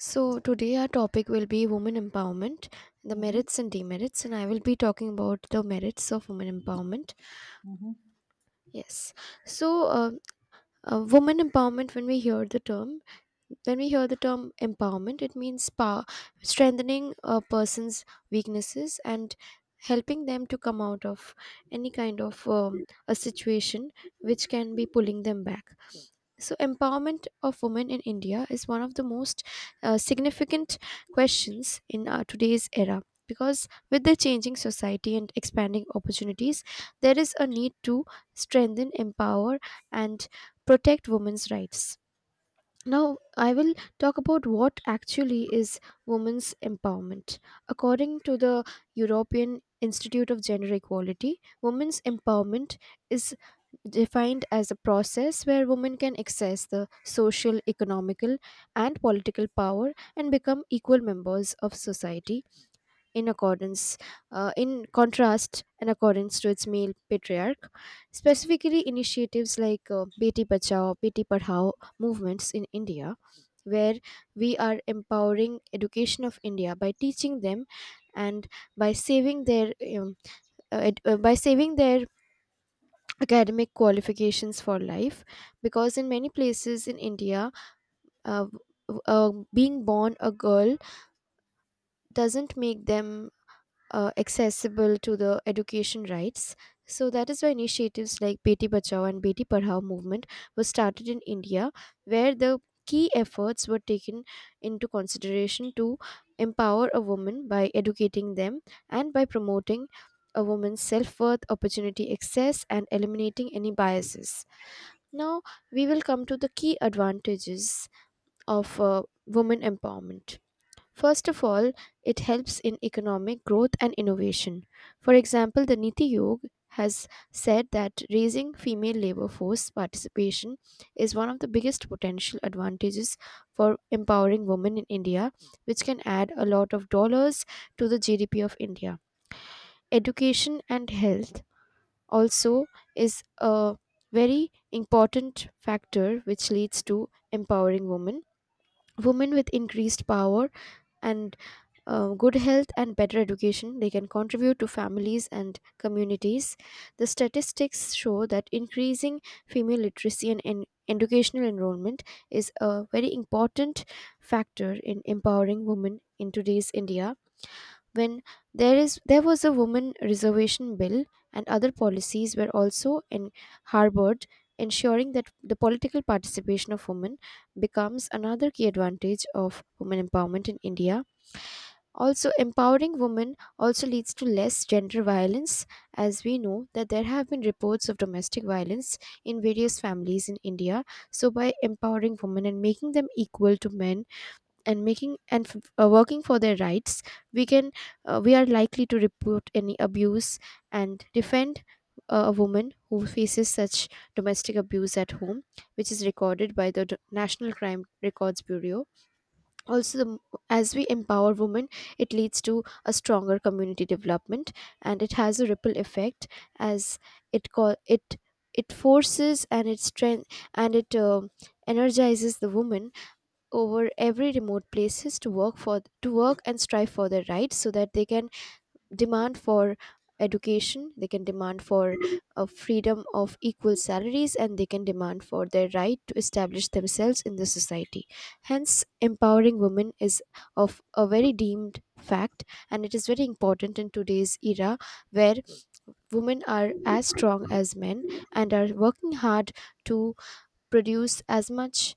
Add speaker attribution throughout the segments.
Speaker 1: So, today our topic will be women empowerment, the
Speaker 2: Mm-hmm.
Speaker 1: merits and demerits, and I will be talking about the merits of women empowerment.
Speaker 2: Mm-hmm.
Speaker 1: Yes. So, women empowerment, when we hear the term, when we hear the term empowerment, it means power, strengthening a person's weaknesses and helping them to come out of any kind of a situation which can be pulling them back. So empowerment of women in India is one of the most significant questions in our today's era, because with the changing society and expanding opportunities there is a need to strengthen, empower, and protect women's rights. Now, I will talk about what actually is women's empowerment. According to the European Institute of Gender Equality, women's empowerment is defined as a process where women can access the social, economical, and political power and become equal members of society in accordance, in contrast, in accordance to its male patriarch. Specifically, initiatives like Beti Bachao, Beti Padhao movements in India, where we are empowering education of India by teaching them and by saving their by saving their academic qualifications for life, because in many places in India uh, being born a girl doesn't make them accessible to the education rights. So that is why initiatives like Beti Bachao and Beti Padhao movement were started in India, where the key efforts were taken into consideration to empower a woman by educating them and by promoting a woman's self-worth, opportunity access, and eliminating any biases. Now we will come to the key advantages of women empowerment. First of all, it helps in economic growth and innovation. For example, the Niti Aayog has said that raising female labor force participation is one of the biggest potential advantages for empowering women in India, which can add a lot of dollars to the GDP of India. Education and health also is a very important factor which leads to empowering women. Women with increased power and good health and better education, they can contribute to families and communities. The statistics show that increasing female literacy and educational enrollment is a very important factor in empowering women in today's India. When there was a woman reservation bill and other policies were also in harbored, ensuring that the political participation of women becomes another key advantage of women empowerment in India. Also, empowering women also leads to less gender violence, as we know that there have been reports of domestic violence in various families in India. So, by empowering women and making them equal to men and working for their rights, we can we are likely to report any abuse and defend a woman who faces such domestic abuse at home, which is recorded by the National Crime Records Bureau. Also as we empower women, it leads to a stronger community development, and it has a ripple effect. As it call it It forces and it strength, and it energizes the women over every remote places to work and strive for their rights, so that they can demand for education, they can demand for a freedom of equal salaries, and they can demand for their right to establish themselves in the society. Hence empowering women is of a very deemed fact, and it is very important in today's era, where women are as strong as men and are working hard to produce as much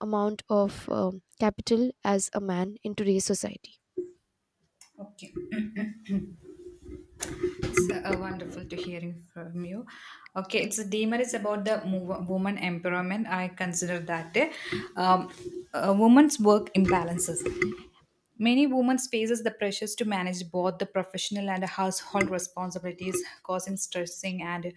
Speaker 1: amount of capital as a man in today's society.
Speaker 2: Okay, it's wonderful to hearing from you. Okay, it's a demon. It's about the woman empowerment. I consider that um, a woman's work imbalances. Many women faces the pressures to manage both the professional and household responsibilities, causing stressing and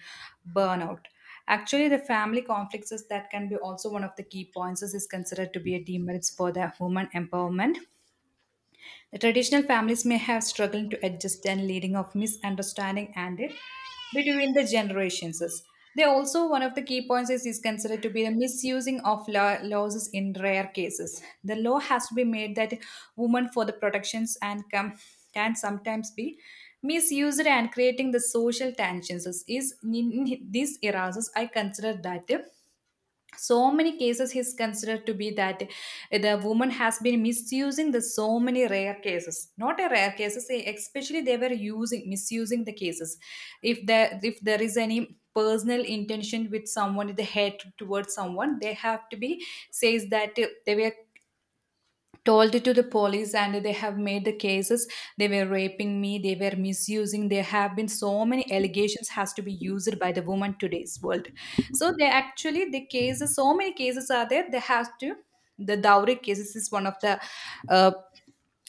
Speaker 2: burnout. Actually, the family conflicts is that can be also one of the key points is considered to be a demerits for the woman empowerment. The traditional families may have struggled to adjust and leading of misunderstanding and between the generations. They also one of the key points is considered to be the misusing of law, laws in rare cases. The law has to be made that women for the protections and come can sometimes be misused and creating the social tensions is in these eras. I consider that so many cases is considered to be that the woman has been misusing the so many rare cases not a rare cases especially they were using misusing the cases. If there is any personal intention with someone the hate towards someone they have to be says that they were told it to the police and they have made the cases. They were raping me they were misusing there have been so many allegations has to be used by the woman today's world. So they actually the cases so many cases are there they have to the dowry cases is one of the uh,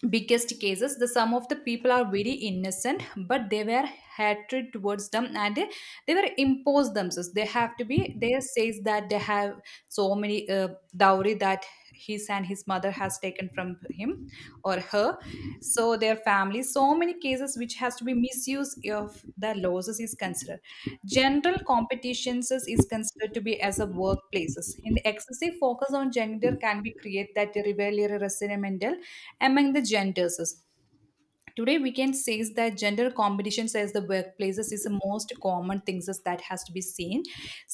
Speaker 2: biggest cases. The some of the people are very innocent but they were hatred towards them and they were imposed themselves they have to be they says that they have so many dowry that his and his mother has taken from him or her. So their family so many cases which has to be misuse of the losses is considered general competitions is considered to be as a workplaces in the excessive focus on gender can be create that rivalry resentmental among the genders. Today, we can say is that gender competitions as the workplaces is the most common things is that has to be seen.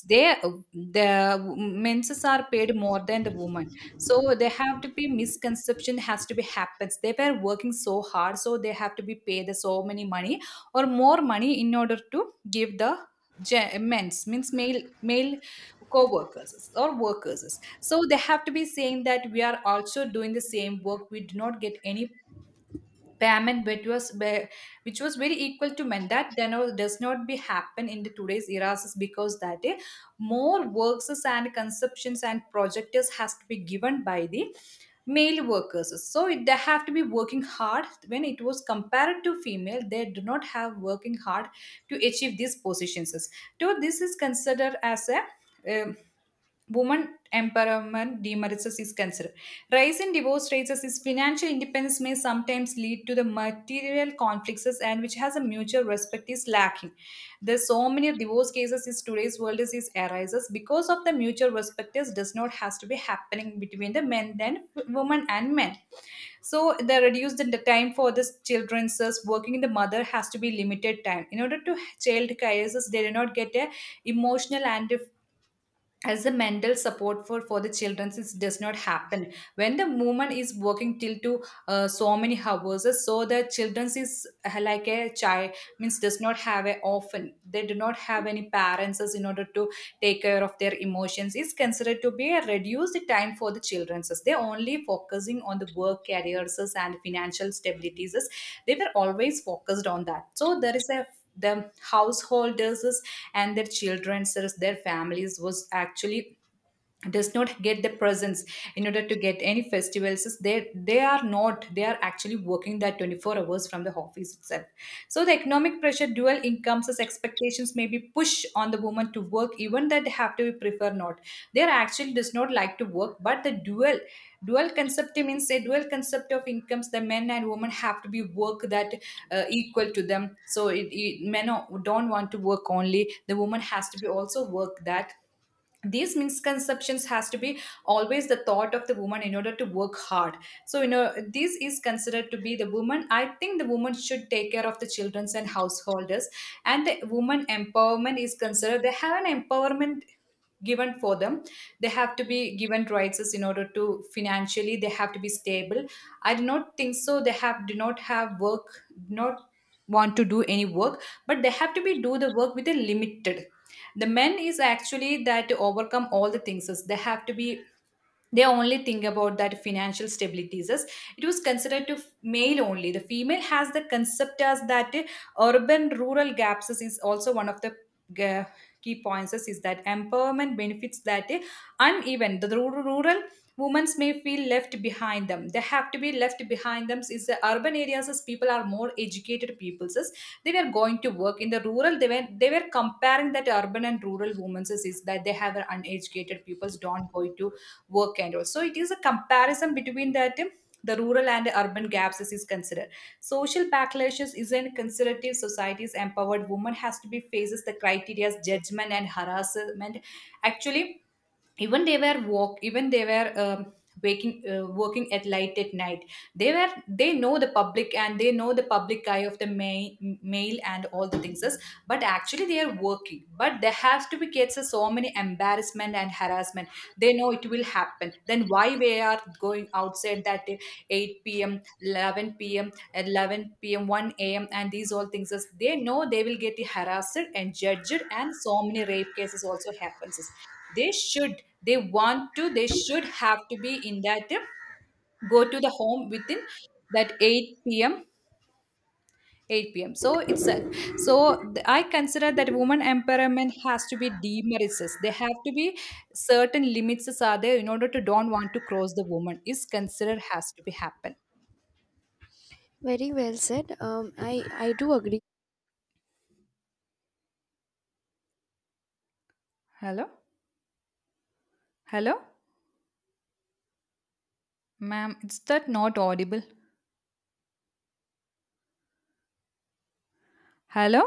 Speaker 2: They, the men's are paid more than the women, so they have to be misconception has to be happens. They were working so hard, so they have to be paid the so many money or more money in order to give the men's means male co-workers or workers, so they have to be saying that we are also doing the same work we do not get any payment which was very equal to men that then all does not be happen in the today's eras is because that more works and consumptions and projectors has to be given by the male workers. So they have to be working hard when it was compared to female they do not have working hard to achieve these positions so this is considered as a um, woman empowerment demerits is considered. Rise in divorce rates is financial independence may sometimes lead to the material conflicts and which has a mutual respect is lacking. There's so many divorce cases is today's world is arises because of the mutual respect is does not has to be happening between the men and women and men. So they reduce the time for the children's thus working the mother has to be limited time. In order to child cases, they do not get a emotional and as the mental support for the children since it does not happen when the woman is working till to so many hours so the children is like a child means does not have a often they do not have any parents as in order to take care of their emotions is considered to be a reduced time for the children. They only focusing on the work careers and financial stabilities they were always focused on that, so there is a the householders and their children, their families was actually does not get the presents in order to get any festivals is they are not they are actually working that 24 hours from the office itself. So the economic pressure dual incomes as expectations may be pushed on the woman to work even that they have to prefer not they are actually does not like to work, but the dual concept means a dual concept of incomes the men and women have to be work that equal to them, so men don't want to work only the woman has to be also work that these misconceptions has to be always the thought of the woman in order to work hard. So this is considered to be the woman I think the woman should take care of the children and householders and the woman empowerment is considered they have an empowerment given for them. They have to be given rights in order to financially they have to be stable. I do not think so they have do not have work do not want to do any work, but they have to be do the work with a limited the men is actually that to overcome all the things is they have to be they only think about that financial stability is it was considered to male only the female has the concept as that urban rural gaps is also one of the uh, key points is that empowerment benefits that uneven the rural women may feel left behind them they have to be left behind them is the urban areas as people are more educated peoples is they were going to work in the rural they were comparing that urban and rural women is that they have an uneducated peoples don't go to work and all. So it is a comparison between that the rural and urban gaps is considered. Social backlashes is a conservative society's empowered woman has to be faces the criteria's judgment and harassment. Actually, even they were waking working at light at night. They know the public and they know the public eye of the mail and all the things is, but actually they are working but there has to be cases so many embarrassment and harassment. They know it will happen then why we are going outside that day, 8 p.m. 11 p.m. at 11 p.m. 1 a.m. and these all things is they know they will get harassed and judged and so many rape cases also happens is they should have to be in that go to the home within that 8 p.m. So it's a, so th- I consider that woman empowerment has to be demerits. They have to be certain limits are there in order to don't want to cross the woman is considered has to be happen.
Speaker 1: Very well said. I do agree.
Speaker 2: Hello, hello. Ma'am, it's that not audible. Hello?